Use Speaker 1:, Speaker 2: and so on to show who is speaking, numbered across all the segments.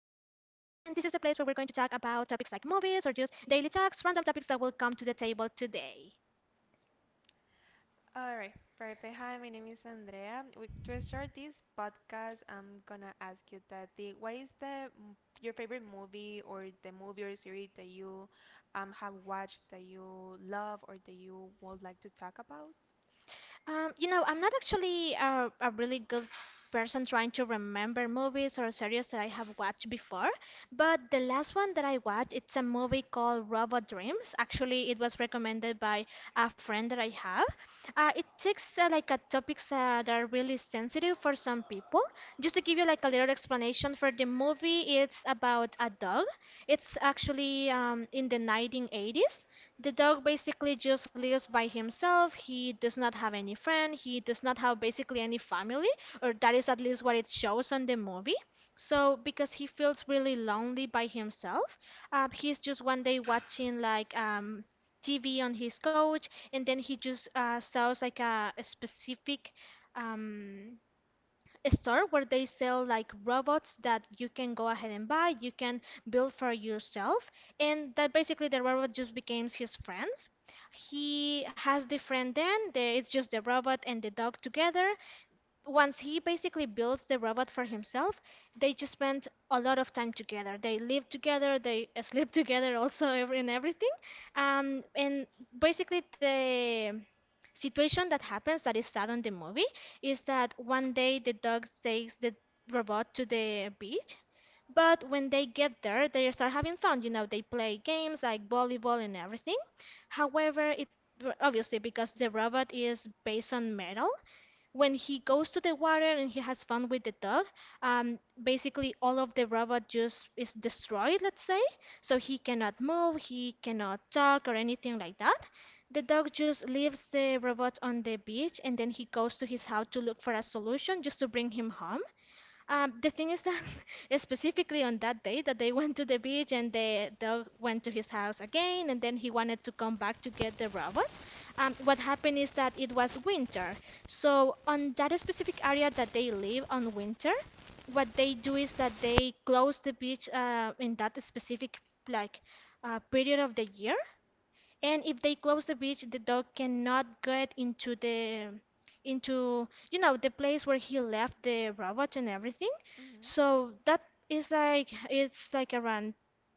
Speaker 1: to talk about topics like movies or just daily talks, random topics that will come to the table today.
Speaker 2: All right, perfect. Hi, my name is Andrea. We, to start this podcast, I'm gonna ask you that the what is the your favorite movie or the movie or series that you have watched that you love or that you would like to talk about?
Speaker 1: I'm not actually a really good person trying to remember movies or series that I have watched before, but the last one that I watched, it's a movie called Robot Dreams. Actually, it was recommended by a friend that I have. It takes like a topics that are really sensitive for some people. Just to give you like a little explanation for the movie, it's about a dog. It's actually in the 1980s. The dog basically just lives by himself. He does not have any friend. He does not have basically any family, or that is at least what it shows on the movie. So because he feels really lonely by himself, he's just one day watching like TV on his couch, and then he just saws like a specific um, a store where they sell like robots that you can go ahead and buy, you can build for yourself, and that basically the robot just becomes his friends. He has the friend then, there it's just the robot and the dog together, once he basically builds the robot for himself, they just spend a lot of time together. They live together, they sleep together, also in everything. And basically, the situation that happens that is sad on the movie is that one day the dog takes the robot to the beach. But when they get there, they start having fun. They play games like volleyball and everything. However, it obviously because the robot is based on metal, when he goes to the water and he has fun with the dog, basically all of the robot just is destroyed, let's say. So he cannot move, he cannot talk, or anything like that. The dog just leaves the robot on the beach and then he goes to his house to look for a solution just to bring him home. The thing is that specifically on that day that they went to the beach and they went to his house again and then he wanted to come back to get the robot. What happened is that it was winter. So on that specific area that they live on winter, what they do is that they close the beach in that specific like period of the year, and if they close the beach, the dog cannot get into the place where he left the robot and everything.
Speaker 2: Mm-hmm.
Speaker 1: So that is like it's like around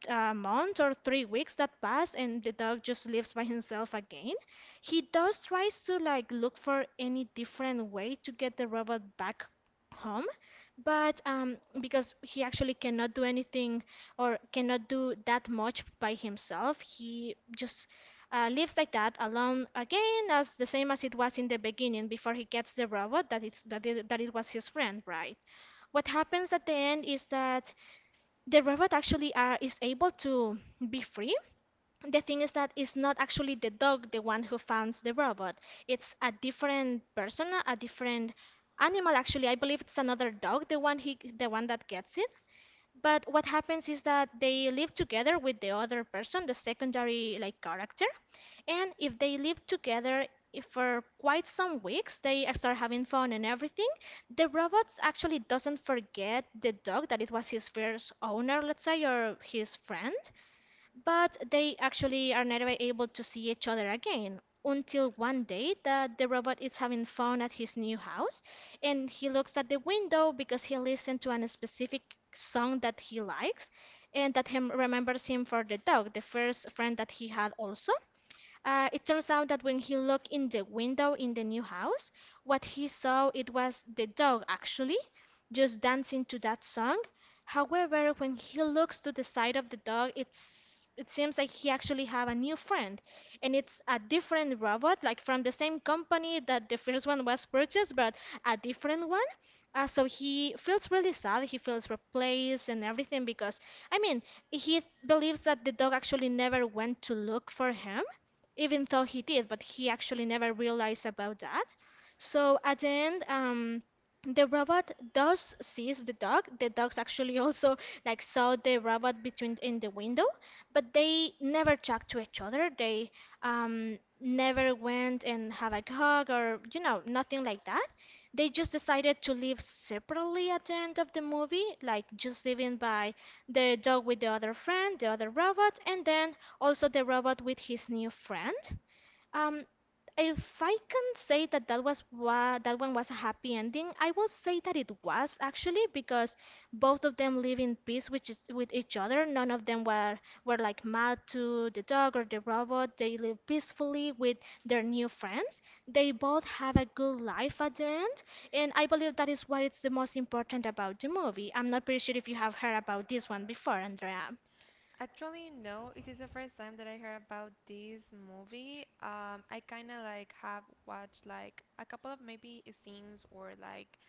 Speaker 1: a month or 3 weeks that pass, and the dog just lives by himself again. He does tries to like look for any different way to get the robot back home, but because he actually cannot do anything or cannot do that much by himself, he just lives like that alone again as the same as it was in the beginning before he gets the robot that it was his friend, right? What happens at the end is that the robot actually is able to be free. The thing is that it's not actually the dog the one who founds the robot. It's a different person, a different animal. Actually, I believe it's another dog, the one that gets it. But what happens is that they live together with the other person, the secondary like character, and if they live together for quite some weeks, they start having fun and everything. The robot actually doesn't forget the dog that it was his first owner, let's say, or his friend, but they actually are never able to see each other again until one day that the robot is having fun at his new house, and he looks at the window because he listened to a specific song that he likes and that him remembers him for the dog, the first friend that he had. Also, it turns out that when he looked in the window in the new house, what he saw it was the dog actually just dancing to that song. However, when he looks to the side of the dog, it seems like he actually have a new friend, and it's a different robot, like from the same company that the first one was purchased, but a different one. So he feels really sad. He feels replaced and everything because, I mean, he believes that the dog actually never went to look for him even though he did, but he actually never realized about that. So at the end, the robot does sees the dog. The dogs actually also like saw the robot between in the window, but they never talked to each other. They never went and have a hug or nothing like that. They just decided to live separately at the end of the movie, like just living by the dog with the other friend, the other robot, and then also the robot with his new friend. Um, if I can say that that was that one was a happy ending, I will say that it was actually because both of them live in peace with with each other. None of them were like mad to the dog or the robot. They live peacefully with their new friends. They both have a good life at the end, and I believe that is what is the most important about the movie. I'm not pretty sure if you have heard about this one before, Andrea.
Speaker 2: Actually, no. It is the first time that I heard about this movie. I kind of like have watched like a couple of maybe scenes or like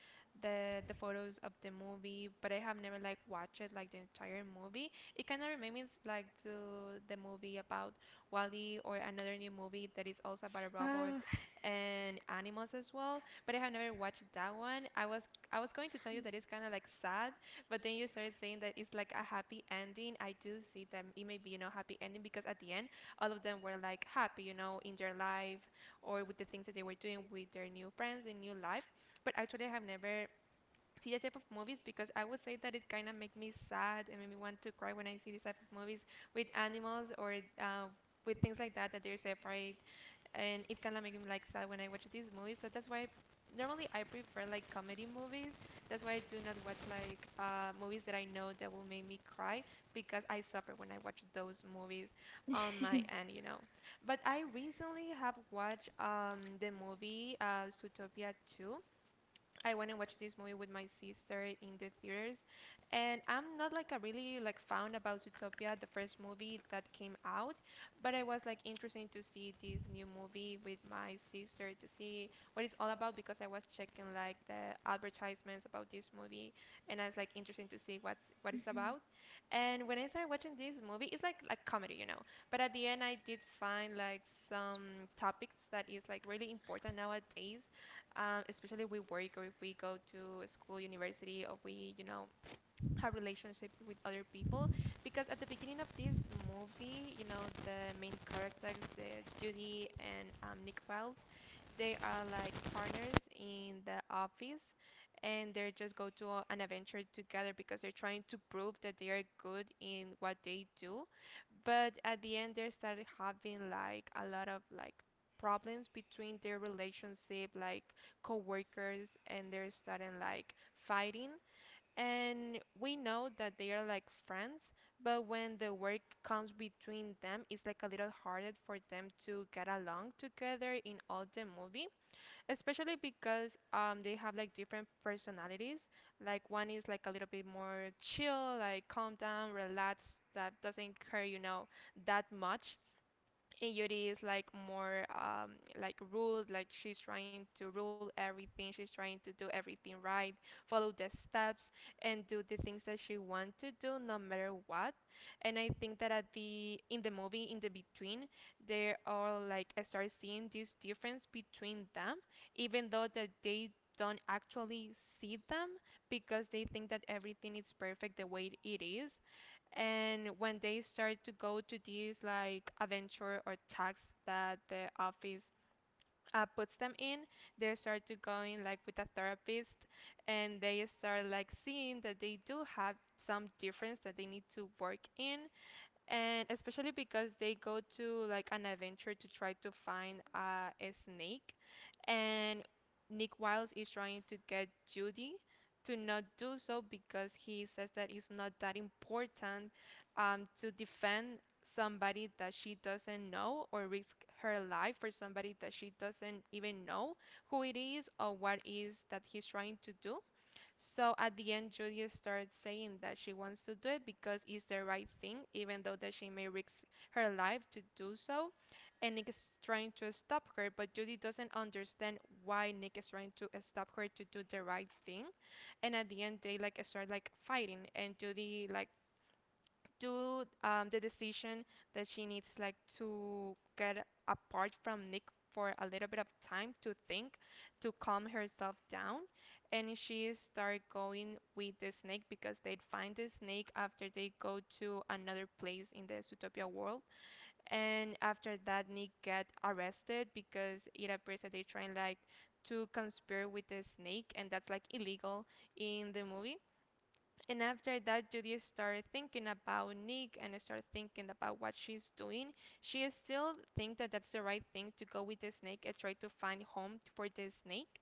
Speaker 2: the photos of the movie, but I have never like watched it like the entire movie. It kind of reminds like to the movie about Wally or another new movie that is also about a robot
Speaker 1: Uh,
Speaker 2: and animals as well. But I have never watched that one. I was going to tell you that it's kind of like sad, but then you started saying that it's like a happy ending. I do see that it may be, you know, happy ending because at the end, all of them were like happy, you know, in their life or with the things that they were doing with their new friends and new life. But actually, I have never seen that type of movies because I would say that it kind of make me sad and make me want to cry when I see these type of movies with animals or uh, with things like that that they're separate, and it kind of make me like sad when I watch these movies. So that's why normally I prefer like comedy movies. That's why I do not watch like movies that I know that will make me cry, because I suffer when I watch those movies on my end, you know. But I recently have watched the movie Zootopia 2. I went and watched this movie with my sister in the theaters, and I'm not like a really like fan about Zootopia, the first movie that came out, but I was like interested to see this new movie with my sister to see what it's all about, because I was checking like the advertisements about this movie, and I was like interested to see what's what it's about. And when I started watching this movie, it's like comedy, you know. But at the end, I did find like some topics that is like really important nowadays, especially we work or if we go to school, university, or we, you know, her relationship with other people. Because at the beginning of this movie, you know, the main characters, the Judy and Nick Files, they are like partners in the office, and they just go to an adventure together because they're trying to prove that they are good in what they do. But at the end, they started having like a lot of like problems between their relationship like co-workers, and they're starting like fighting. And we know that they are like friends, but when the work comes between them, it's like a little harder for them to get along together in all the movie, especially because they have like different personalities. Like one is like a little bit more chill, like calm down, relax, that doesn't care, you know, that much. And Yuri is like more like ruled, like she's trying to rule everything, she's trying to do everything right, follow the steps, and do the things that she wants to do no matter what. And I think that at the in the movie, in the between, they are like, I start seeing this difference between them, even though that they don't actually see them because they think that everything is perfect the way it is. And when they start to go to these like adventure or tasks that the office puts them in, they start to going like with a therapist, and they start like seeing that they do have some difference that they need to work in. And especially because they go to like an adventure to try to find a snake, and Nick Wiles is trying to get Judy to not do so because he says that it's not that important to defend somebody that she doesn't know or risk her life for somebody that she doesn't even know who it is or what is that he's trying to do. So at the end, Julia starts saying that she wants to do it because it's the right thing, even though that she may risk her life to do so. And Nick is trying to stop her, but Judy doesn't understand why Nick is trying to stop her to do the right thing. And at the end, they like start like fighting, and Judy like do the decision that she needs like to get apart from Nick for a little bit of time to think, to calm herself down. And she start going with the snake because they find the snake after they go to another place in the Zootopia world. And after that, Nick get arrested because it appears that they trying like to conspire with the snake, and that's like illegal in the movie. And after that, Judy started thinking about Nick and started thinking about what she's doing. She still thinks that that's the right thing to go with the snake and try to find home for the snake.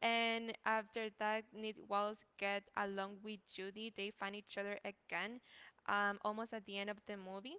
Speaker 2: And after that, Nick Wallace get along with Judy. They find each other again, almost at the end of the movie,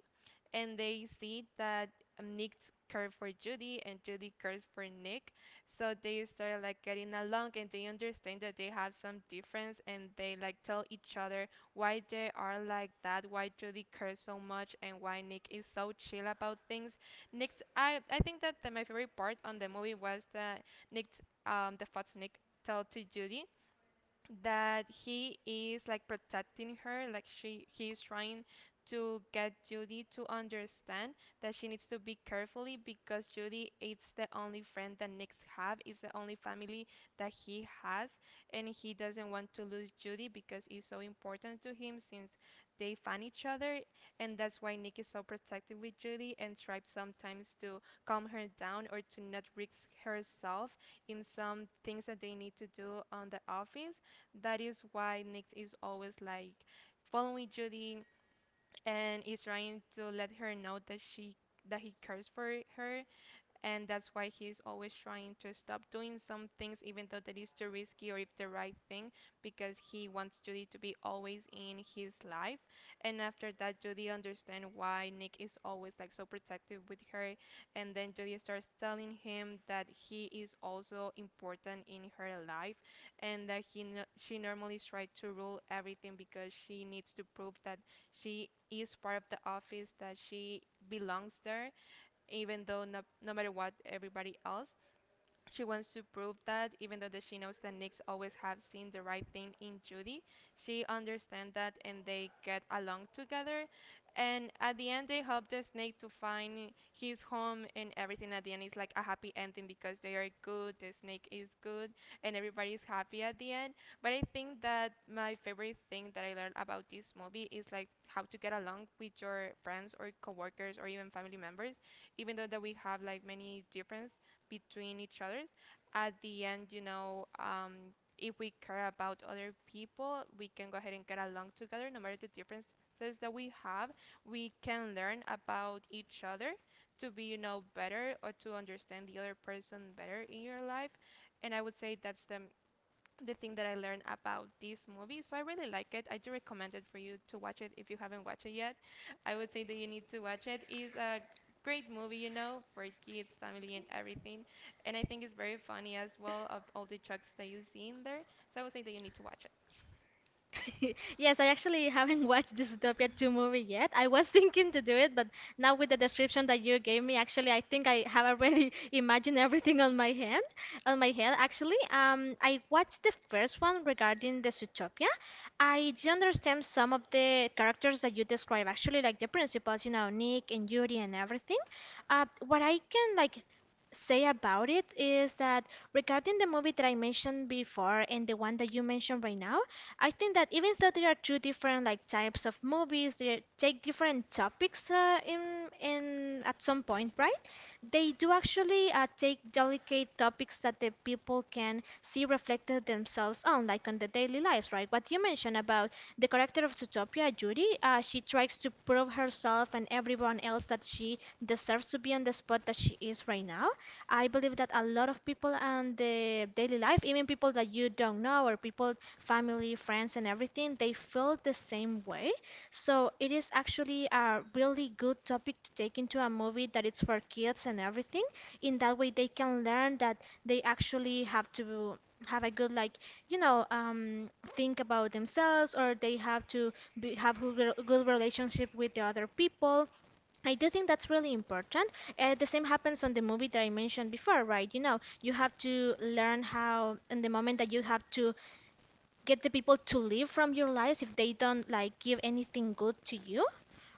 Speaker 2: and they see that Nick cares for Judy and Judy cares for Nick. So they start like getting along, and they understand that they have some difference, and they like tell each other why they are like that, why Judy cares so much and why Nick is so chill about things. Nick's, I think that the, my favorite part on the movie was that Nick, the thoughts Nick tell to Judy, that he is like protecting her, like she, he is trying to get Judy to understand that she needs to be carefully, because Judy is the only friend that Nick's have, is the only family that he has, and he doesn't want to lose Judy because it's so important to him since they find each other. And that's why Nick is so protective with Judy and tries sometimes to calm her down or to not risk herself in some things that they need to do on the office. That is why Nick is always like following Judy and is trying to let her know that she that he cares for her, and that's why he's always trying to stop doing some things, even though that is too risky or if the right thing, because he wants Judy to be always in his life. And after that, Judy understands why Nick is always like so protective with her. And then Judy starts telling him that he is also important in her life, and that he she normally tries to rule everything because she needs to prove that she is part of the office, that she belongs there, even though no matter what everybody else, she wants to prove that, even though that she knows that Nick's always have seen the right thing in Judy. She understands that, and they get along together. And at the end, they help the snake to find his home and everything. At the end, it's like a happy ending because they are good, the snake is good, and everybody is happy at the end. But I think that my favorite thing that I learned about this movie is like how to get along with your friends or coworkers or even family members, even though that we have like many difference between each other. At the end, you know, if we care about other people, we can go ahead and get along together, no matter the differences that we have. We can learn about each other to be, you know, better or to understand the other person better in your life. And I would say that's the thing that I learned about this movie. So I really like it. I do recommend it for you to watch it. If you haven't watched it yet, I would say that you need to watch it. It's a great movie, you know, for kids, family, and everything. And I think it's very funny as well, of all the jokes that you see in there. So I would say that you need to watch it.
Speaker 1: Yes, I actually haven't watched Dystopia 2 movie yet. I was thinking to do it, but now with the description that you gave me, actually, I think I have already imagined everything on my hand, on my head. Actually, I watched the first one regarding the Zootopia. I do understand some of the characters that you describe, actually, like the principals, Nick and Yuri and everything. What I can like say about it is that regarding the movie that I mentioned before and the one that you mentioned right now, I think that even though there are two different like types of movies, they take different topics in at some point, right? They do actually take delicate topics that the people can see reflected themselves on, like on the daily lives, right? What you mentioned about the character of Zootopia, Judy, she tries to prove herself and everyone else that she deserves to be on the spot that she is right now. I believe that a lot of people and the daily life, even people that you don't know or people family, friends, and everything, they feel the same way. So it is actually a really good topic to take into a movie that it's for kids and everything. In that way, they can learn that they actually have to have a good you know um think about themselves or they have to have a good relationship with the other people. I do think that's really important. The same happens on the movie that I mentioned before, right? You have to learn how, in the moment that you have to get the people to live from your lives if they don't like give anything good to you?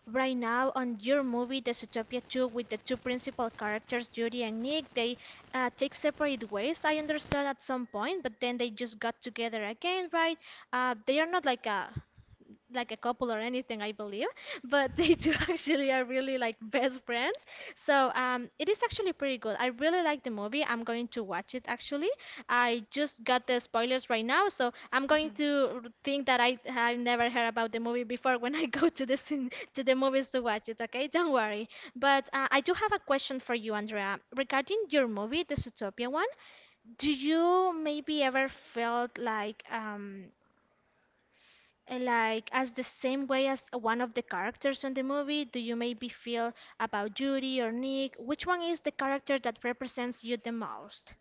Speaker 1: Right now on your movie, The Zootopia 2, with the two principal characters, Judy and Nick, they take separate ways. I understood at some point, but then they just got together again, right? They are not like a couple or anything, I believe. But they two actually are really like best friends. So it is actually pretty good. I really like the movie. I'm going to watch it actually. I just got the spoilers right now, so I'm going to think that I have never heard about the movie before when I go to the movies to watch it. Okay, don't worry. But I do have a question for you, Andrea, regarding your movie, the Zootopia one. Do you maybe ever felt like like, as the same way as one of the characters in the movie, do you maybe feel about Judy or Nick? Which one is the character that represents you the most?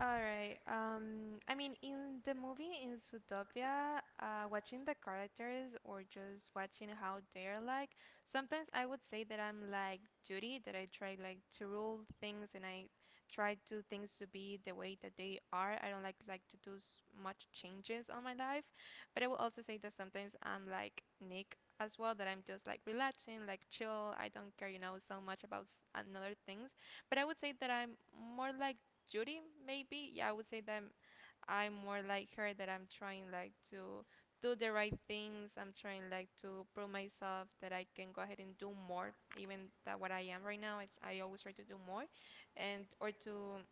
Speaker 2: All right. I mean, in the movie in Zootopia, watching the characters or just watching how they're like, sometimes I would say that I'm like Judy, that I try like to rule things and I try to things to be the way that they are. I don't like to do much changes on my life, but I will also say that sometimes I'm like Nick as well, that I'm just like relaxing, like chill. I don't care, so much about another things. But I would say that I'm more like Judy, maybe. Yeah, I would say that I'm more like her, that I'm trying like to do the right things. I'm trying like to prove myself that I can go ahead and do more, even that what I am right now. I always try to do more, and or to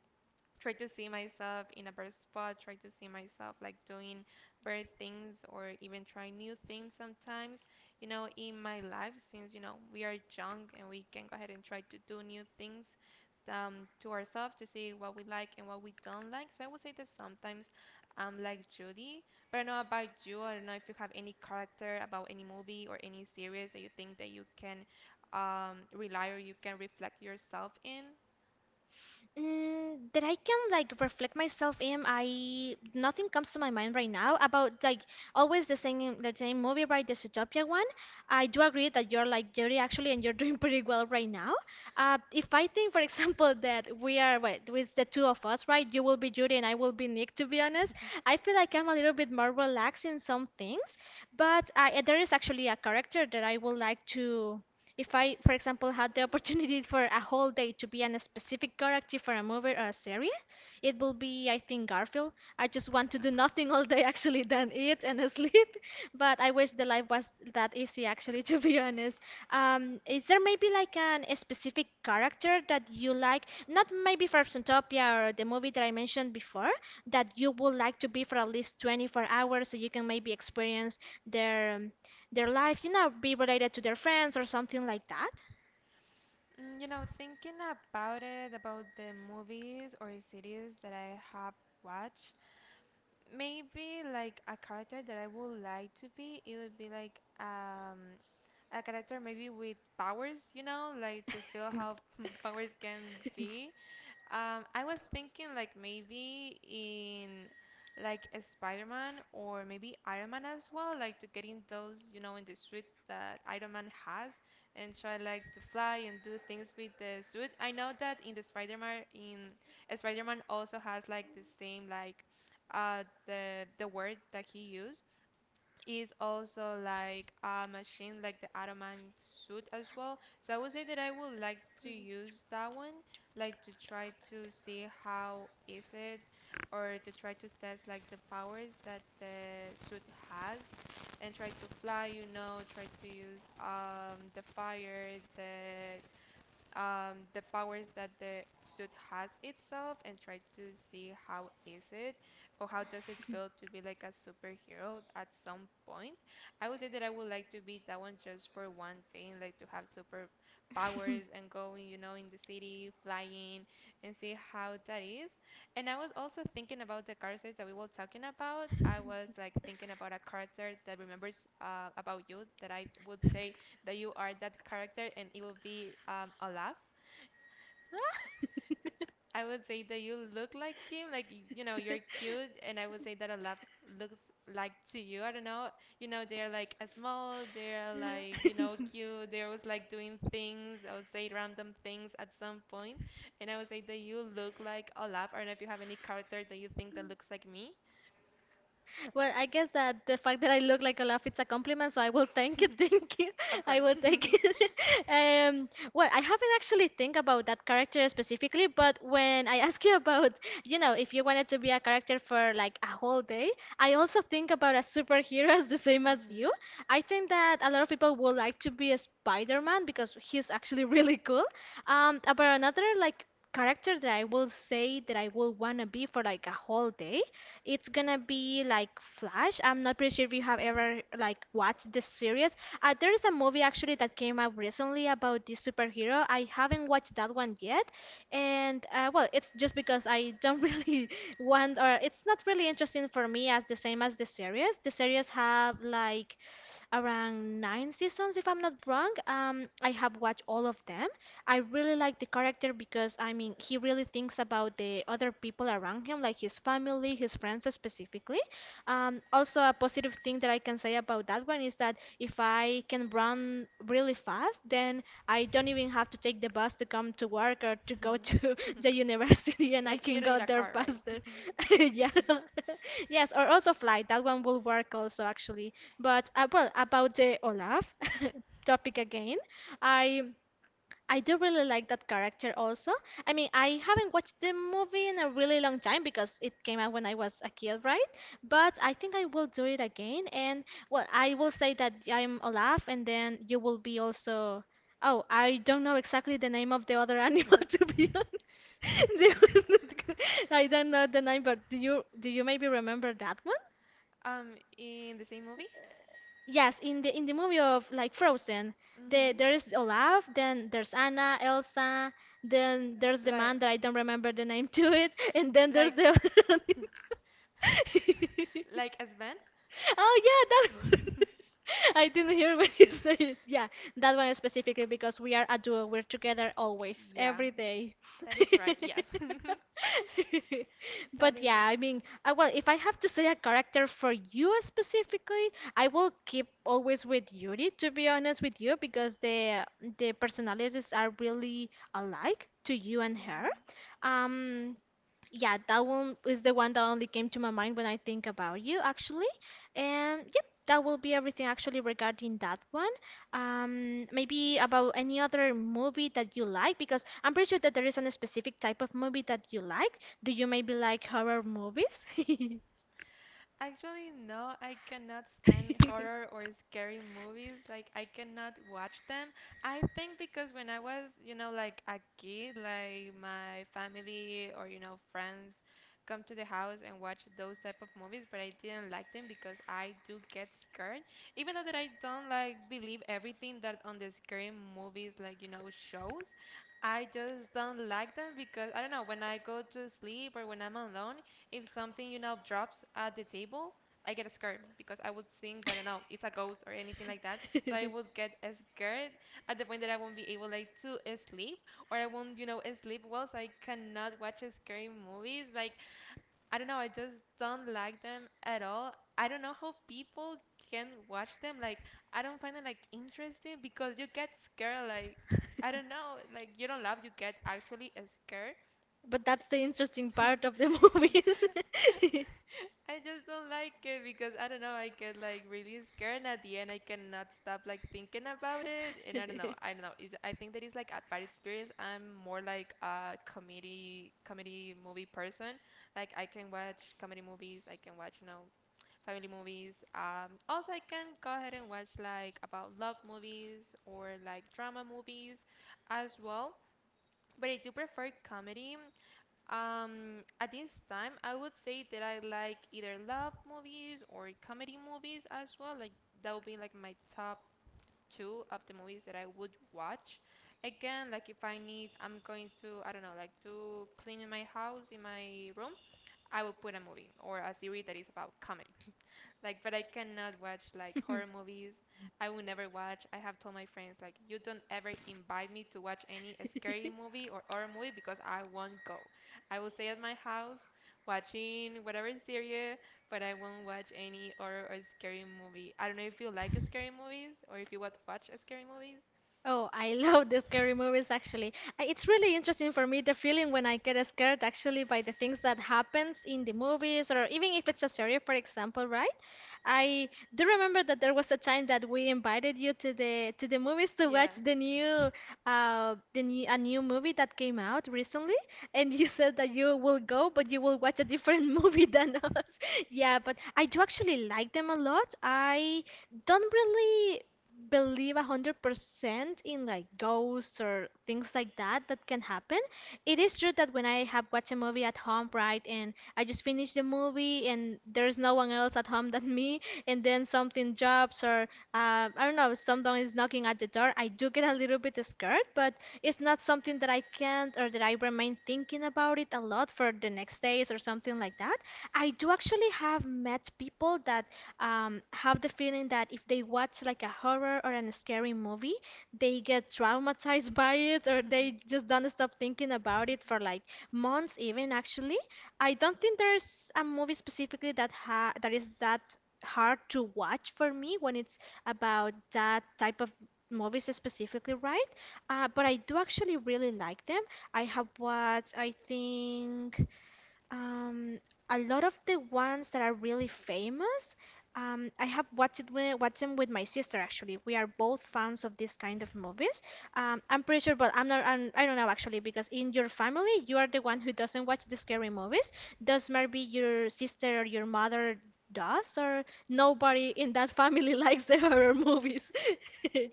Speaker 2: try to see myself in a better spot, try to see myself like doing better things or even try new things sometimes, in my life since, we are young and we can go ahead and try to do new things to ourselves to see what we like and what we don't like. So I would say that sometimes I'm like Judy, but I don't know about you. I don't know if you have any character about any movie or any series that you think that you can rely or you can reflect yourself in.
Speaker 1: Mm, that I can like reflect myself in. I nothing comes to my mind right now about like always the same movie, right? The Zootopia one. I do agree that you're like Jerry actually, and you're doing pretty well right now. If I think, for example, that we are what with the two of us, right? You will be Judy and I will be Nick. To be honest, I feel like I'm a little bit more relaxed in some things, but there is actually a character that I would like to. If I, for example, had the opportunity for a whole day to be on a specific character for a movie or a series, it will be, I think, Garfield. I just want to do nothing all day actually than eat and sleep. But I wish the life was that easy actually, to be honest. Is there maybe like a specific character that you like? Not maybe for Zootopia or the movie that I mentioned before, that you would like to be for at least 24 hours so you can maybe experience their um, their life, you know, be related to their friends or something like that.
Speaker 2: Thinking about it, about the movies or series that I have watched, maybe like a character that I would like to be, it would be like a character maybe with powers, like to feel how powers can be. I was thinking like maybe in like a Spider-Man or maybe Iron Man as well, like to get in those, in the suit that Iron Man has and try like to fly and do things with the suit. I know that in Spider-Man also has like the same like the word that he used is also like a machine like the Ottoman suit as well. So I would say that I would like to use that one, like to try to see how is it or to try to test like the powers that the suit has and try to fly, try to use the fire, the powers that the suit has itself and try to see how is it or how does it feel to be like a superhero at some point. I would say that I would like to be that one just for one day and like to have super powers and going, in the city, flying and see how that is. And I was also thinking about the characters that we were talking about. I was like thinking about a character that remembers about you that I would say that you are that character and it will be Olaf. I would say that you look like him, like you're cute, and I would say that Olaf looks like to you. I don't know, they're like a small, they're like cute. They're always like doing things. I would say random things at some point, and I would say that you look like Olaf. I don't know if you have any character that you think that looks like me.
Speaker 1: Well, I guess that the fact that I look like a laugh, it's a compliment, so I will thank it, thank you.
Speaker 2: Of
Speaker 1: I
Speaker 2: course.
Speaker 1: will take it. Um, well, I haven't actually think about that character specifically, but when I ask you about, you know, if you wanted to be a character for like a whole day, I also think about a superhero as the same as
Speaker 2: Mhm.
Speaker 1: you. I think that a lot of people would like to be a Spider-Man because he's actually really cool. About another like character that I will say that I will wanna be for like a whole day. It's gonna be like Flash. I'm not pretty sure if you have ever like watched this series. There is a movie actually that came out recently about this superhero. I haven't watched that one yet, and well, it's just because I don't really want or it's not really interesting for me as the same as the series. The series have like around 9 seasons if I'm not wrong. I have watched all of them. I really like the character because, I mean, he really thinks about the other people around him, like his family, his friends specifically. Also, a positive thing that I can say about that one is that if I can run really fast, then I don't even have to take the bus to come to work or to go to
Speaker 2: Mm.
Speaker 1: the university, and I
Speaker 2: Like you
Speaker 1: can
Speaker 2: don't
Speaker 1: go
Speaker 2: need a
Speaker 1: there
Speaker 2: car, right?
Speaker 1: faster. Yeah. Yes, or also flight. That one will work also, actually. But, well, about the Olaf topic again, I. I do really like that character also. I mean, I haven't watched the movie in a really long time because it came out when I was a kid, right? But I think I will do it again. And well, I will say that I'm Olaf, and then you will be also. Oh, I don't know exactly the name of the other animal to be honest. They were not I don't know the name, but do you maybe remember that one?
Speaker 2: In the same movie?
Speaker 1: Yes, in the movie of like Frozen,
Speaker 2: hmm
Speaker 1: there is Olaf, then there's Anna, Elsa, then there's the
Speaker 2: Like,
Speaker 1: man that I don't remember the name to it, and then there's
Speaker 2: like,
Speaker 1: the
Speaker 2: like as Ben?
Speaker 1: Oh yeah, that one. I didn't hear when you say it. Yeah, that one specifically because we are a duo. We're together always,
Speaker 2: Yeah,
Speaker 1: every day.
Speaker 2: that is right. Yes, that
Speaker 1: But
Speaker 2: is
Speaker 1: yeah,
Speaker 2: right.
Speaker 1: I mean, well, if I have to say a character for you specifically, I will keep always with Yuri, to be honest with you, because the personalities are really alike to you and her.
Speaker 2: Mhm.
Speaker 1: Um, yeah, that one is the one that only came to my mind when I think about you, actually. And yep, that will be everything actually regarding that one. Maybe about any other movie that you like, because I'm pretty sure that there is a specific type of movie that you like. Do you maybe like horror movies?
Speaker 2: Actually, no, I cannot stand horror or scary movies. Like, I cannot watch them. I think because when I was, like a kid, like my family or, friends come to the house and watch those type of movies, but I didn't like them because I do get scared. Even though that I don't like believe everything that on the scary movies, like, shows, I just don't like them because I don't know, when I go to sleep or when I'm alone, if something drops at the table, I get scared because I would think that it's a ghost or anything like that. So I would get scared at the point that I won't be able like to sleep or I won't sleep well. So I cannot watch scary movies. Like I don't know, I just don't like them at all. I don't know how people can watch them. Like I don't find it like interesting because you get scared. Like I don't know, like you don't laugh, you get actually scared.
Speaker 1: But that's the interesting part of the movies.
Speaker 2: I just don't like it because I don't know, I get like really scared and at the end I cannot stop like thinking about it and I don't know, I don't know. Is I think that it's like a bad experience. I'm more like a comedy movie person. Like I can watch comedy movies, I can watch family movies. Also I can go ahead and watch like about love movies or like drama movies as well. But I do prefer comedy. At this time, I would say that I like either love movies or comedy movies as well. Like that would be like my top two of the movies that I would watch. Again, like if I need, I'm going to, I don't know, like to clean in my house, in my room, I will put a movie or a series that is about comedy. Like, but I cannot watch like horror movies. I will never watch. I have told my friends like, you don't ever invite me to watch any scary movie or horror movie because I won't go. I will stay at my house watching whatever series, but I won't watch any horror or scary movie. I don't know if you like scary movies or if you want to watch scary movies.
Speaker 1: Oh, I love the scary movies actually. It's really interesting for me the feeling when I get scared actually by the things that happens in the movies or even if it's a series for example, right? I do remember that there was a time that we invited you to the movies to
Speaker 2: Yeah.
Speaker 1: watch the new a new movie that came out recently and you said that you will go but you will watch a different movie than us. Yeah, but I do actually like them a lot. I don't really believe 100% in like ghosts or things like that that can happen. It is true that when I have watched a movie at home, right, and I just finish the movie and there's no one else at home than me, and then something drops or I don't know, someone is knocking at the door, I do get a little bit scared, but it's not something that I can't or that I remain thinking about it a lot for the next days or something like that. I do actually have met people that have the feeling that if they watch like a horror or a scary movie, they get traumatized by it or they just don't stop thinking about it for like months even actually. I don't think there's a movie specifically that ha that is that hard to watch for me when it's about that type of movies specifically, right? But I do actually really like them. I have watched, I think um, a lot of the ones that are really famous. Um, I have watched it watched them with my sister actually. We are both fans of this kind of movies. I'm pretty sure, but I'm not. I'm, I don't know actually because in your family you are the one who doesn't watch the scary movies. Does maybe your sister or your mother does, or nobody in that family likes the horror movies?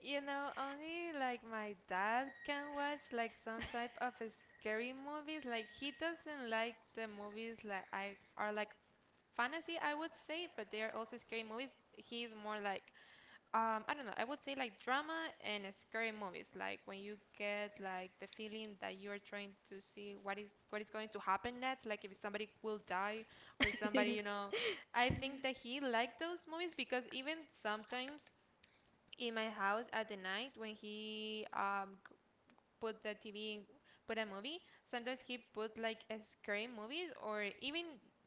Speaker 2: Only like my dad can watch like some type of scary movies. Like he doesn't like the movies like I are like fantasy, I would say, but they are also scary movies. He's more like I don't know. I would say like drama and scary movies, like when you get like the feeling that you are trying to see what is going to happen next, like if somebody will die or somebody. I think that he liked those movies because even sometimes in my house at the night when he put the TV in, put a movie. Sometimes he put like a scary movies or even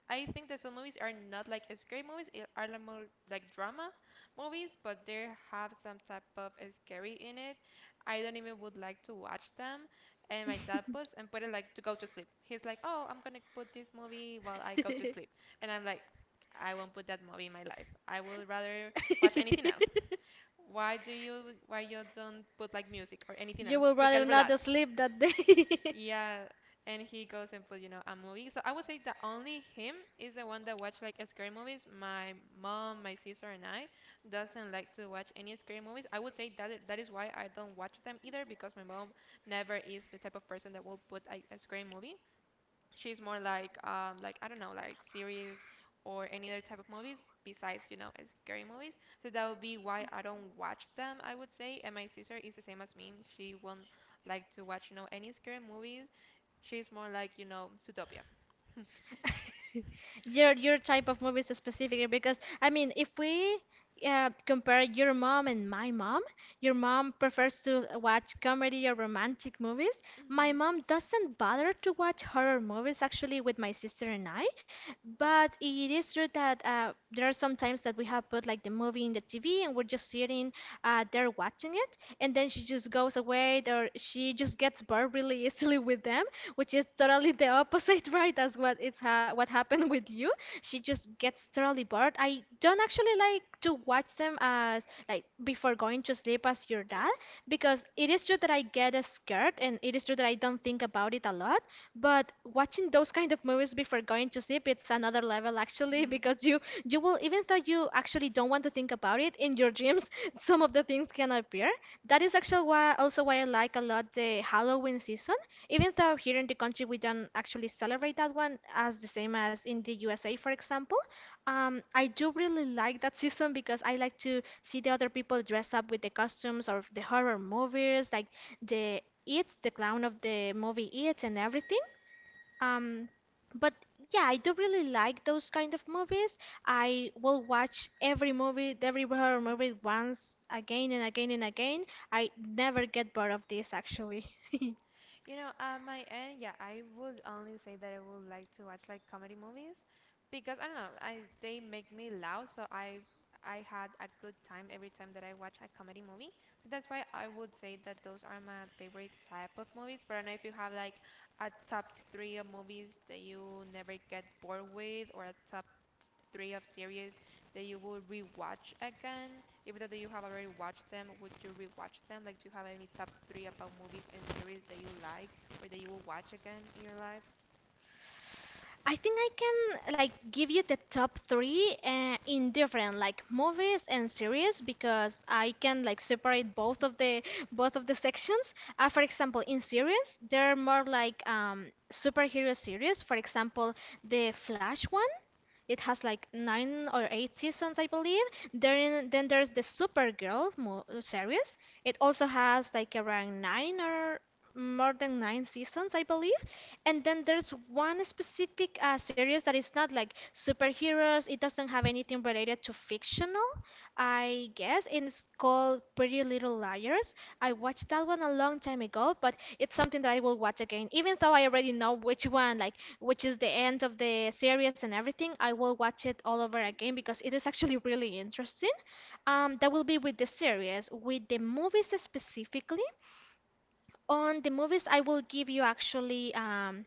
Speaker 2: I think that some movies are not like scary movies, it are like more like drama movies, but they have some type of scary in it. I don't even would like to watch them. And my dad puts and put it like to go to sleep. He's like, "Oh, I'm gonna put this movie while I go to sleep," and I'm like, "I won't put that movie in my life. I will rather watch anything else." Why you don't put like music or anything
Speaker 1: You
Speaker 2: else
Speaker 1: would
Speaker 2: to get
Speaker 1: rather not
Speaker 2: relaxed?
Speaker 1: sleep that day.
Speaker 2: Yeah, and he goes and put a movie. So I would say that only him is the one that watch like scary movies. My mom, my sister, and I doesn't like to watch any scary movies. I would say that that is why I don't watch them either because my mom never is the type of person that will put a scary movie. She's more like I don't know like series or any other type of movies besides scary movies. So that would be why I don't watch them. I would say, and my sister is the same as me. She won't like to watch any scary movies. She's more like, Zootopia.
Speaker 1: Your type of movies specifically because I mean if we compare your mom and my mom, your mom prefers to watch comedy or romantic movies. My
Speaker 2: Hmm,
Speaker 1: mom doesn't bother to watch horror movies actually with my sister and I. But it is true that there are some times that we have put like the movie in the TV and we're just sitting there watching it, and then she just goes away or she just gets bored really easily with them, which is totally the opposite, right? That's what it's ha what happened with you. She just gets totally bored. I don't actually like to watch them as like before going to sleep as your dad because it is true that I get scared and it is true that I don't think about it a lot, but watching those kind of movies before going to sleep it's another level actually
Speaker 2: hmm.
Speaker 1: because you will even though you actually don't want to think about it in your dreams some of the things can appear. That is actually why also why I like a lot the Halloween season even though here in the country we don't actually celebrate that one as the same as in the USA, for example. Um, I do really like that season because I like to see the other people dress up with the costumes of the horror movies, like the It, the clown of the movie It, and everything. Um, but yeah, I do really like those kind of movies. I will watch every movie, every horror movie once again and again and again. I never get bored of this actually.
Speaker 2: At my end, yeah, I would only say that I would like to watch like comedy movies because I don't know, I they make me laugh, so I had a good time every time that I watch a comedy movie. That's why I would say that those are my favorite type of movies. But I don't know if you have like a top three of movies that you never get bored with, or a top three of series that you would rewatch again? Even though you have already watched them, would you rewatch them? Like, do you have any top three about movies and series that you like or that you will watch again in your life?
Speaker 1: I think I can like give you the top three in different like movies and series because I can like separate both of the sections. For example, in series, they're more like superhero series. For example, the Flash one. It has like 9 or 8 seasons, I believe. Then there's the Supergirl mo series. It also has like around 9 or more than 9 seasons, I believe. And then there's one specific series that is not like superheroes. It doesn't have anything related to fictional, I guess. And it's called Pretty Little Liars. I watched that one a long time ago, but it's something that I will watch again. Even though I already know which one, like which is the end of the series and everything, I will watch it all over again because it is actually really interesting. That will be with the series, with the movies specifically. On the movies, I will give you actually.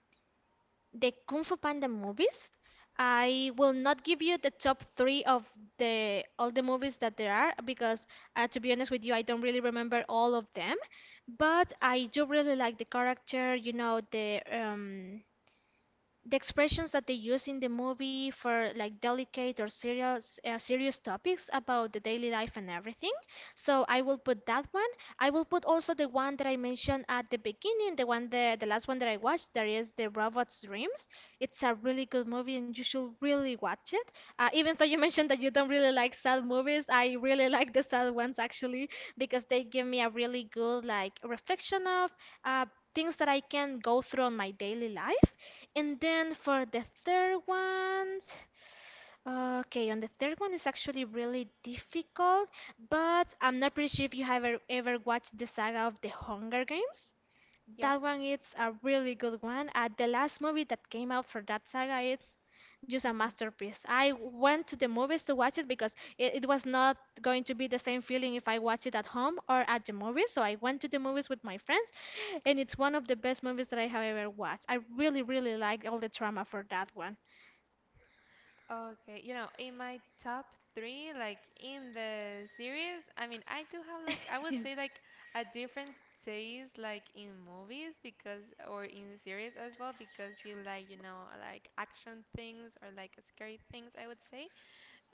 Speaker 1: The Kung Fu Panda movies. I will not give you the top three of the all the movies that there are because, to be honest with you, I don't really remember all of them. But I do really like the character, the expressions that they use in the movie for like delicate or serious topics about the daily life and everything. So I will put that one. I will put also the one that I mentioned at the beginning, the last one that I watched, there is the Robot's Dreams. It's a really good movie, and you should really watch it. Even though you mentioned that you don't really like sad movies, I really like the sad ones actually because they give me a really good like reflection of uh, things that I can go through on my daily life. And then for the third one. Okay, and the third one is actually really difficult, but I'm not pretty sure if you have ever, ever watched the saga of the Hunger Games.
Speaker 2: Yeah?
Speaker 1: That one is a really good one. The last movie that came out for that saga, it's just a masterpiece. I went to the movies to watch it because it was not going to be the same feeling if I watched it at home or at the movies. So I went to the movies with my friends, and it's one of the best movies that I have ever watched. I really, really like all the drama for that one.
Speaker 2: Okay, in my top three, like in the series, I mean, I do have like, I would say like a different taste like in movies because, or in series as well, because you like, like action things or like scary things, I would say.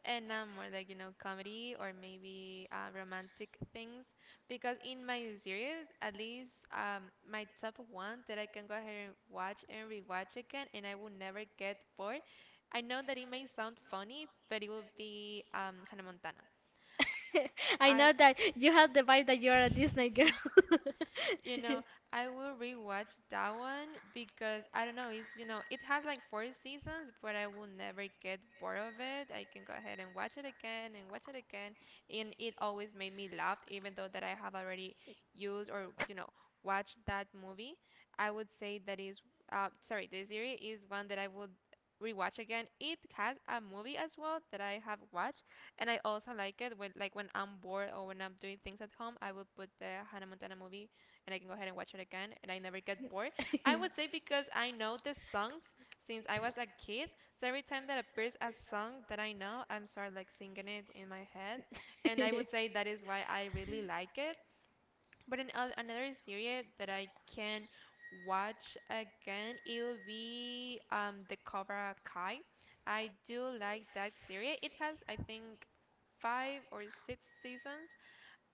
Speaker 2: And I'm more like comedy or maybe romantic things because in my series at least, my top one that I can go ahead and watch and rewatch again and I will never get bored. I know that it may sound funny, but it will be Hannah Montana.
Speaker 1: I
Speaker 2: I
Speaker 1: know that you have the vibe that you're a Disney girl.
Speaker 2: You know, I will rewatch that one because I don't know, it's it has like four seasons, but I will never get bored of it. I can go ahead and watch it again and watch it again, and it always made me laugh even though that I have already used or watched that movie. I would say that is sorry, the series is one that I would rewatch again. It has a movie as well that I have watched, and I also like it when I'm bored or when I'm doing things at home. I will put the Hannah Montana movie and I can go ahead and watch it again and I never get bored. I would say because I know the songs since I was a kid. So every time that appears a song that I know, I'm start like singing it in my head. And I would say that is why I really like it. But another series that I can watch again, it will be the Cobra Kai. I do like that series. It has, I think, five or six seasons.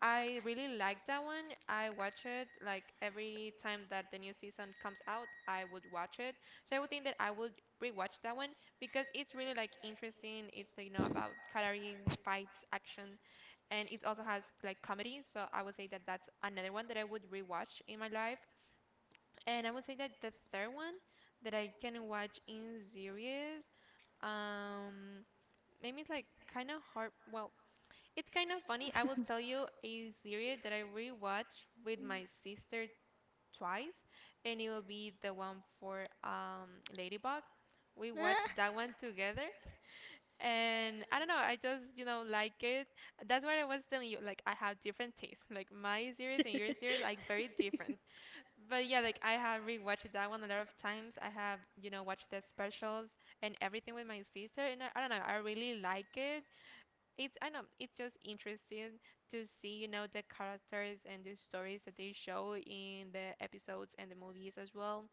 Speaker 2: I really like that one. I watch it like every time that the new season comes out, I would watch it. So I would think that I would rewatch that one because it's really like interesting. It's about cutlery, fights, action, and it also has like comedy. So I would say that that's another one that I would rewatch in my life. And I would say that the third one that I can watch in series, um, maybe it's like kind of hard. Well, it's kind of funny. I will tell you a series that I rewatched with my sister twice, and it'll be the one for Ladybug. We watched that one together, and I don't know. I just like it. That's what I was telling you. Like I have different tastes. Like my series and your series are very different. But yeah, like I have rewatched that one a lot of times. I have watched the specials and everything with my sister, and I don't know. I really like it it's I know it's just interesting to see the characters and the stories that they show in the episodes and the movies as well.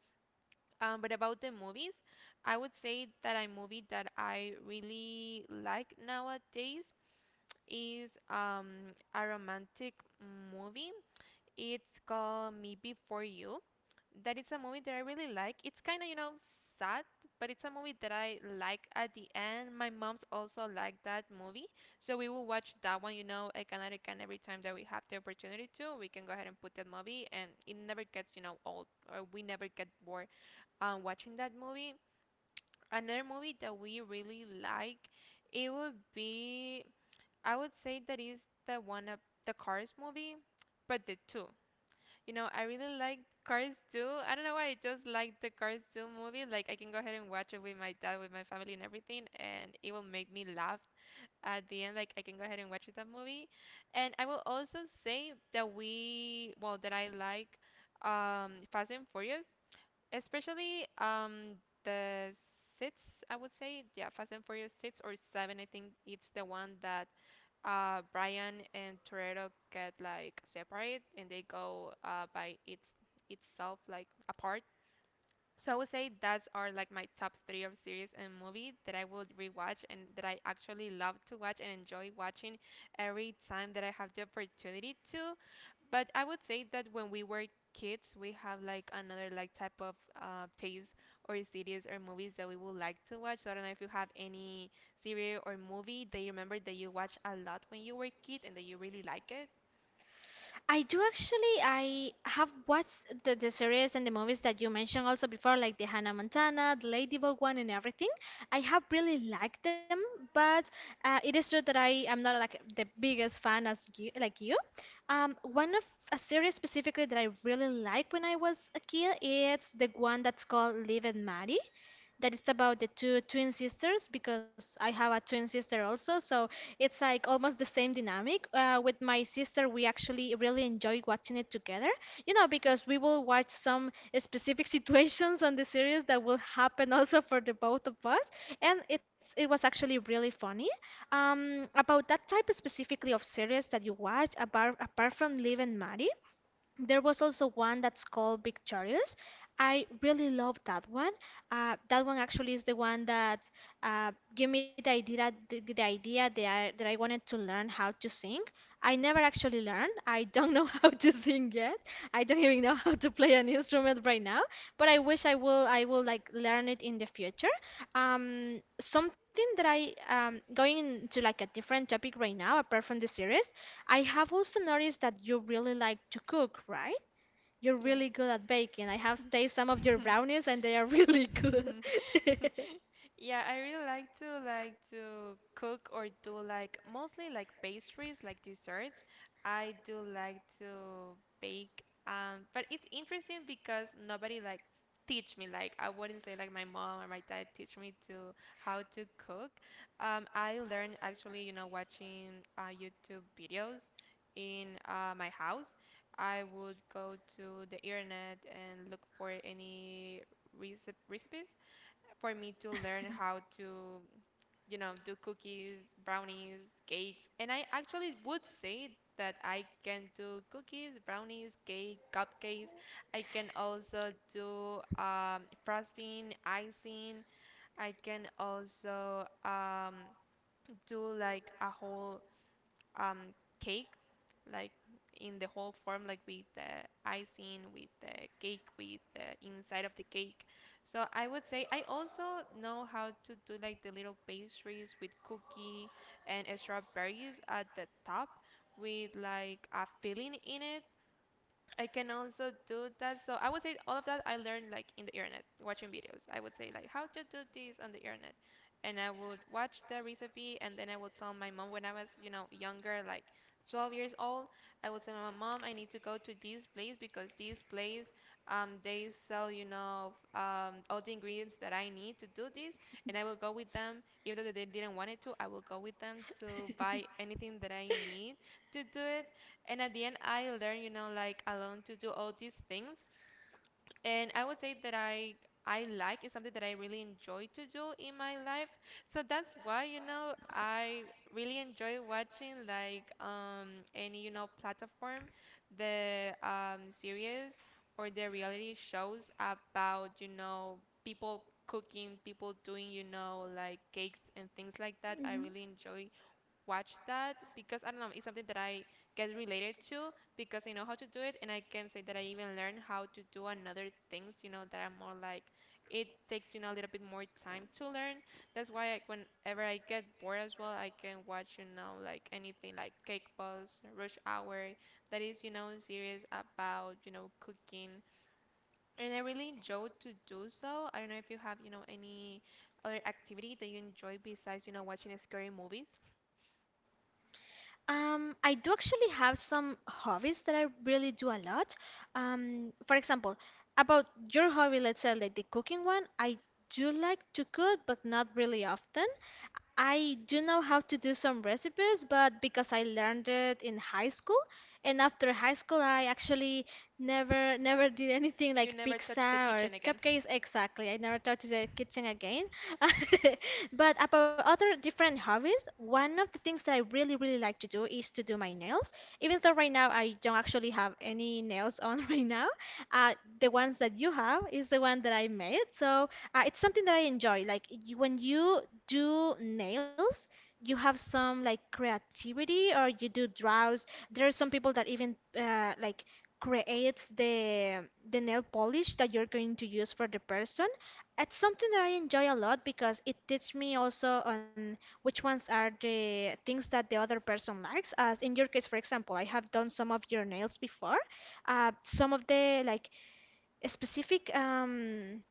Speaker 2: But about the movies, I would say that a movie that I really like nowadays is, a romantic movie. It's called Me Before You that it's a movie that I really like. It's kind of, sad, but it's a movie that I like at the end. My mom's also liked that movie. So we will watch that one, again and again every time that we have the opportunity to. We can go ahead and put that movie, and it never gets, old, or we never get bored watching that movie. Another movie that we really like, it would be, I would say that is the one of the Cars movie, but the two. You know, I really like Cars 2. I don't know why I just like the Cars 2 movie. Like, I can go ahead and watch it with my dad, with my family, and everything, and it will make me laugh at the end. Like, I can go ahead and watch that movie. And I will also say that well, that I like Fast and Furious, especially, the six, I would say. Yeah, Fast and Furious six or seven, I think it's the one that Brian and Toretto get like separate and they go by its itself like apart. So I would say that's are like my top three of series and movie that I would rewatch and that I actually love to watch and enjoy watching every time that I have the opportunity to. But I would say that when we were kids, we have like another like type of taste or series or movies that we would like to watch. So I don't know if you have any series or movie that you remember that you watched a lot when you were a kid and that you really like it.
Speaker 1: I do actually. I have watched the series and the movies that you mentioned also before, like the Hannah Montana, the Ladybug one, and everything. I have really liked them, but it is true that I am not like the biggest fan as you, like you. One of a series specifically that I really liked when I was a kid, it's the one that's called Live and Marry that it's about the two twin sisters because I have a twin sister also. So it's like almost the same dynamic. With my sister, we actually really enjoy watching it together, because we will watch some specific situations on the series that will happen also for the both of us. And it was actually really funny. About that type specifically of series that you watch, apart from Live and Maddie. There was also one that's called Victorious. I really love that one. That one actually is the one that gave me the idea, the idea that I wanted to learn how to sing. I never actually learned. I don't know how to sing yet, I don't even know how to play an instrument right now, but I wish I will like learn it in the future. Something that I going into like a different topic right now apart from the series, I have also noticed that you really like to cook, right? You're
Speaker 2: Yeah.
Speaker 1: really good at baking. I have tasted some of your brownies and they are really good.
Speaker 2: Yeah, I really like to cook or do like mostly like pastries, like desserts. I do like to bake. But it's interesting because nobody like teach me. Like I wouldn't say like my mom or my dad teach me to how to cook. I learned actually, watching YouTube videos in my house. I would go to the internet and look for any recipes for me to learn how to, do cookies, brownies, cakes. And I actually would say that I can do cookies, brownies, cake, cupcakes. I can also do frosting, icing. I can also do like a whole, um, cake, like in the whole form, like with the icing, with the cake, with the inside of the cake. So I would say I also know how to do like the little pastries with cookie and strawberries at the top with like a filling in it. I can also do that. So I would say all of that I learned like in the internet, watching videos. I would say like how to do this on the internet, and I would watch the recipe, and then I would tell my mom when I was younger, like 12 years old, I would say my mom I need to go to this place because this place they sell all the ingredients that I need to do this, and I will go with them even though they didn't want it to. I will go with them to buy anything that I need to do it. And at the end, I learned, like alone to do all these things. And I would say that I like is something that I really enjoy to do in my life. So that's why, I really enjoy watching like any platform, the series or the reality shows about people cooking, people doing like cakes and things like that.
Speaker 1: Mhm.
Speaker 2: I really enjoy watch that because I don't know, it's something that I get related to because I know how to do it. And I can say that I even learn how to do another things, that are more like it takes a little bit more time to learn. That's why I, whenever I get bored as well, I can watch like anything like Cake Boss, Rush Hour, that is series about cooking, and I really enjoy to do so. I don't know if you have any other activity that you enjoy besides watching scary movies.
Speaker 1: I do actually have some hobbies that I really do a lot. For example, about your hobby, let's say like the cooking one, I do like to cook, but not really often. I do know how to do some recipes, but because I learned it in high school, and after high school, I actually never did anything
Speaker 2: You
Speaker 1: like
Speaker 2: never
Speaker 1: pizza
Speaker 2: touched the
Speaker 1: or
Speaker 2: kitchen again.
Speaker 1: cupcakes exactly. I never touched the kitchen again. But about other different hobbies, one of the things that I really really like to do is to do my nails. Even though right now I don't actually have any nails on right now, uh, the ones that you have is the one that I made. So it's something that I enjoy. Like you, when you do nails, you have some like creativity or you do draws there are some people that even like creates the nail polish that you're going to use for the person. It's something that I enjoy a lot because it teaches me also on which ones are the things that the other person likes. As in your case, for example, I have done some of your nails before. Some of the like specific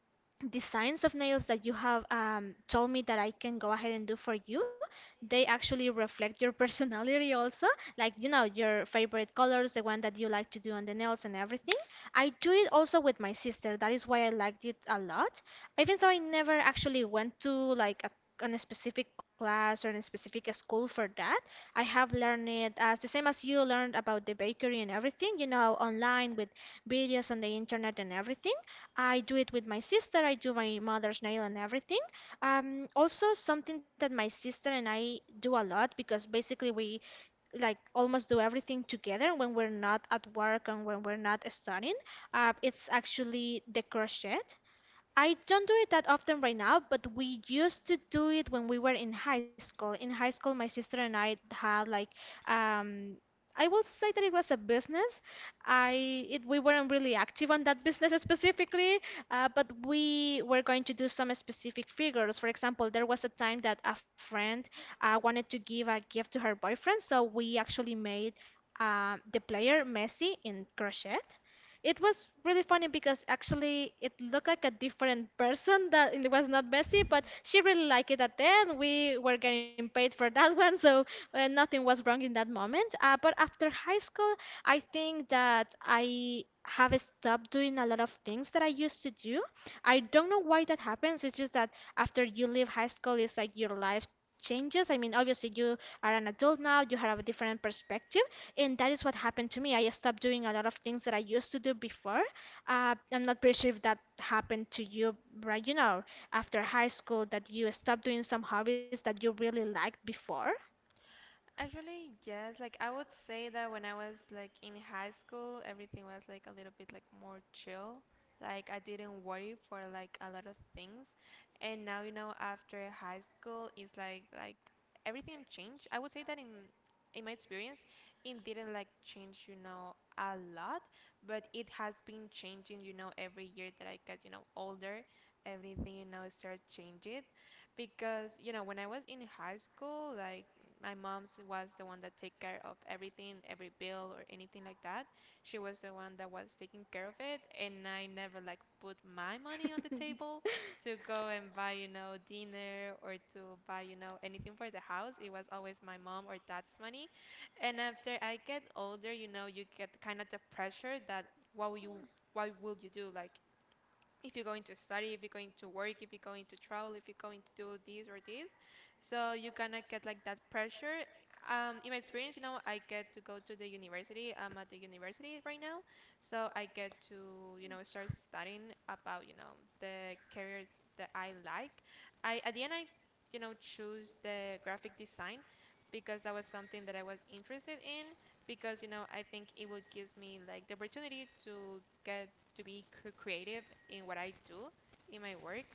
Speaker 1: designs of nails that you have told me that I can go ahead and do for you, they actually reflect your personality also, like you know your favorite colors, the one that you like to do on the nails and everything. I do it also with my sister. That is why I liked it a lot. Even though I never actually went to like a on a specific class or in a specific school for that. I have learned it as the same as you learned about the bakery and everything, online with videos on the internet and everything. I do it with my sister. I do my mother's nail and everything. Also something that my sister and I do a lot because basically we like almost do everything together when we're not at work and when we're not studying. It's actually the crochet. I don't do it that often right now, but we used to do it when we were in high school. In high school, my sister and I had like um I will say that it was a business. We weren't really active on that business specifically, but we were going to do some specific figures. For example, there was a time that a friend wanted to give a gift to her boyfriend, so we actually made the player Messi in crochet. It was really funny because actually it looked like a different person that it was not Bessie, but she really liked it at then. We were getting paid for that one, so nothing was wrong in that moment. But after high school, I think that I have stopped doing a lot of things that I used to do. I don't know why that happens. It's just that after you leave high school, it's like your life changes. I mean, obviously you are an adult now, you have a different perspective, and that is what happened to me. I stopped doing a lot of things that I used to do before. I'm not pretty sure if that happened to you, right? You know, after high school, that you stop doing some hobbies that you really liked before.
Speaker 2: Actually, yes. Like I would say that when I was like in high school, everything was like a little bit like more chill. Like I didn't worry for like a lot of things. And now, after high school, it's like everything changed. I would say that in my experience, it didn't like change, a lot, but it has been changing, every year that I got, older, everything, started changing. Because when I was in high school, like my mom's was the one that take care of everything, every bill or anything like that. She was the one that was taking care of it, and I never like put my money on the table to go and buy dinner or to buy anything for the house. It was always my mom or dad's money, and after I get older, you get kind of the pressure that what will you what will you do like if you're going to study, if you're going to work, if you're going to travel, if you're going to do this or this. So you kind of get like that pressure. In my experience, I get to go to the university. I'm at the university right now, so I get to start studying about the career that I like. I At the end I choose the graphic design because that was something that I was interested in because I think it would give me like the opportunity to get to be creative in what I do in my work,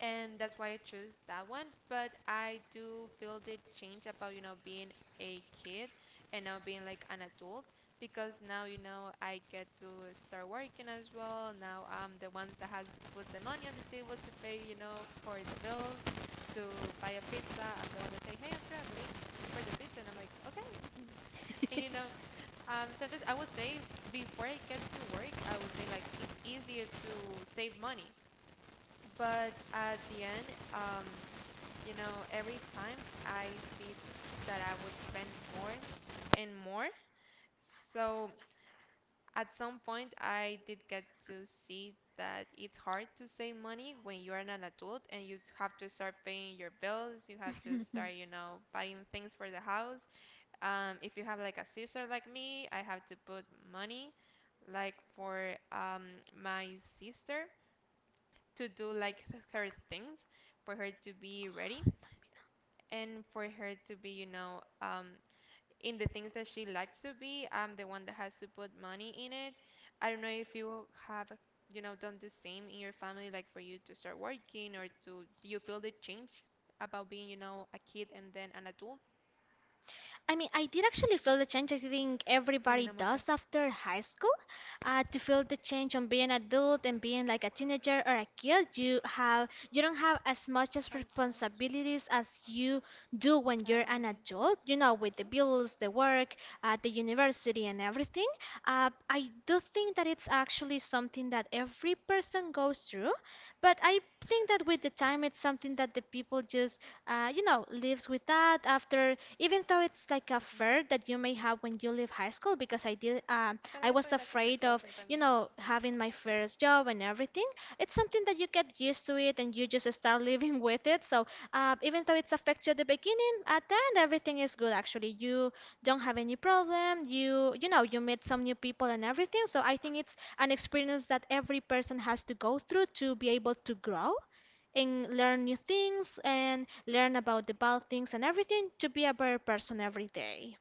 Speaker 2: and that's why I chose that one. But I do feel the change about being a kid and now being like an adult because now I get to start working as well. Now I'm the one that has to put the money on the table to pay for the bills to buy a pizza. I'm the one that say, hey, I'm gonna pay for the pizza, and I'm like, okay, and sometimes I would say before I get to work, I would say like it's easier to save money. But at the end, um, every time I see that I would spend more and more. So at some point, I did get to see that it's hard to save money when you are an adult and you have to start paying your bills, you have to start, buying things for the house. If you have like a sister like me, I have to put money like for my sister to do like her things, for her to be ready, and for her to be, in the things that she likes to be. I'm the one that has to put money in it. I don't know if you have, done the same in your family, like for you to start working or to, do you feel the change about being, a kid and then an adult?
Speaker 1: I mean, I did actually feel the change. I think everybody
Speaker 2: Terminamos ya.
Speaker 1: does after high school. To feel the change on being adult and being like a teenager or a kid, you don't have as much as
Speaker 2: ¿Cuál?
Speaker 1: responsibilities as you do when
Speaker 2: ¿A
Speaker 1: you're an
Speaker 2: dónde?
Speaker 1: adult. You know, with
Speaker 2: ¿Aquí?
Speaker 1: the bills, the work, the university, and
Speaker 2: Mm,
Speaker 1: everything. I do think that it's actually something that every person goes through, but I think that with the time, it's something that the people just, lives with that after even though it's like a fear
Speaker 2: mm.
Speaker 1: that you may have when you leave high school because
Speaker 2: Pero
Speaker 1: I
Speaker 2: yo
Speaker 1: was
Speaker 2: puedo ir haciendo el
Speaker 1: afraid of
Speaker 2: closing también.
Speaker 1: having my
Speaker 2: Ah.
Speaker 1: first job and everything. It's something that you get used to it and you just start living with it. So even though it affects you at the beginning, at the end, everything is good actually. You don't have any problem. You meet some new people and everything. So I think it's an experience that every person has to go through to be able to grow and learn new things and learn about the bad things and everything to be a better person every day.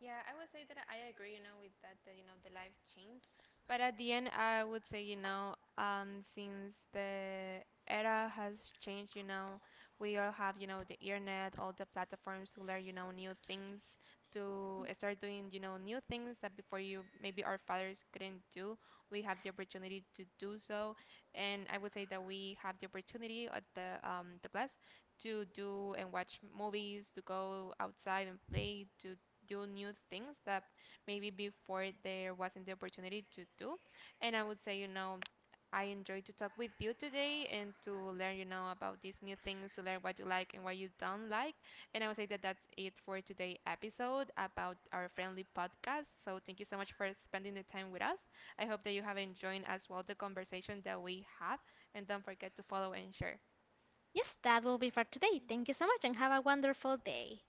Speaker 2: Yeah, I would say that I agree, with that, that the life change. But at the end, I would say, since the era has changed, we all have, the internet, all the platforms to learn, new things, to start doing, new things that before you maybe our fathers couldn't do. We have the opportunity to do so, and I would say that we have the opportunity at the plus to do and watch movies, to go outside and play, to do new things that maybe before there wasn't the opportunity to do. And I would say, I enjoyed to talk with you today and to learn, about these new things, to learn what you like and what you don't like. And I would say that that's it for today's episode about our friendly podcast. So thank you so much for spending the time with us. I hope that you have enjoyed as well the conversation that we have. And don't forget to follow and share.
Speaker 1: Yes, that will be for today. Thank you so much and have a wonderful day.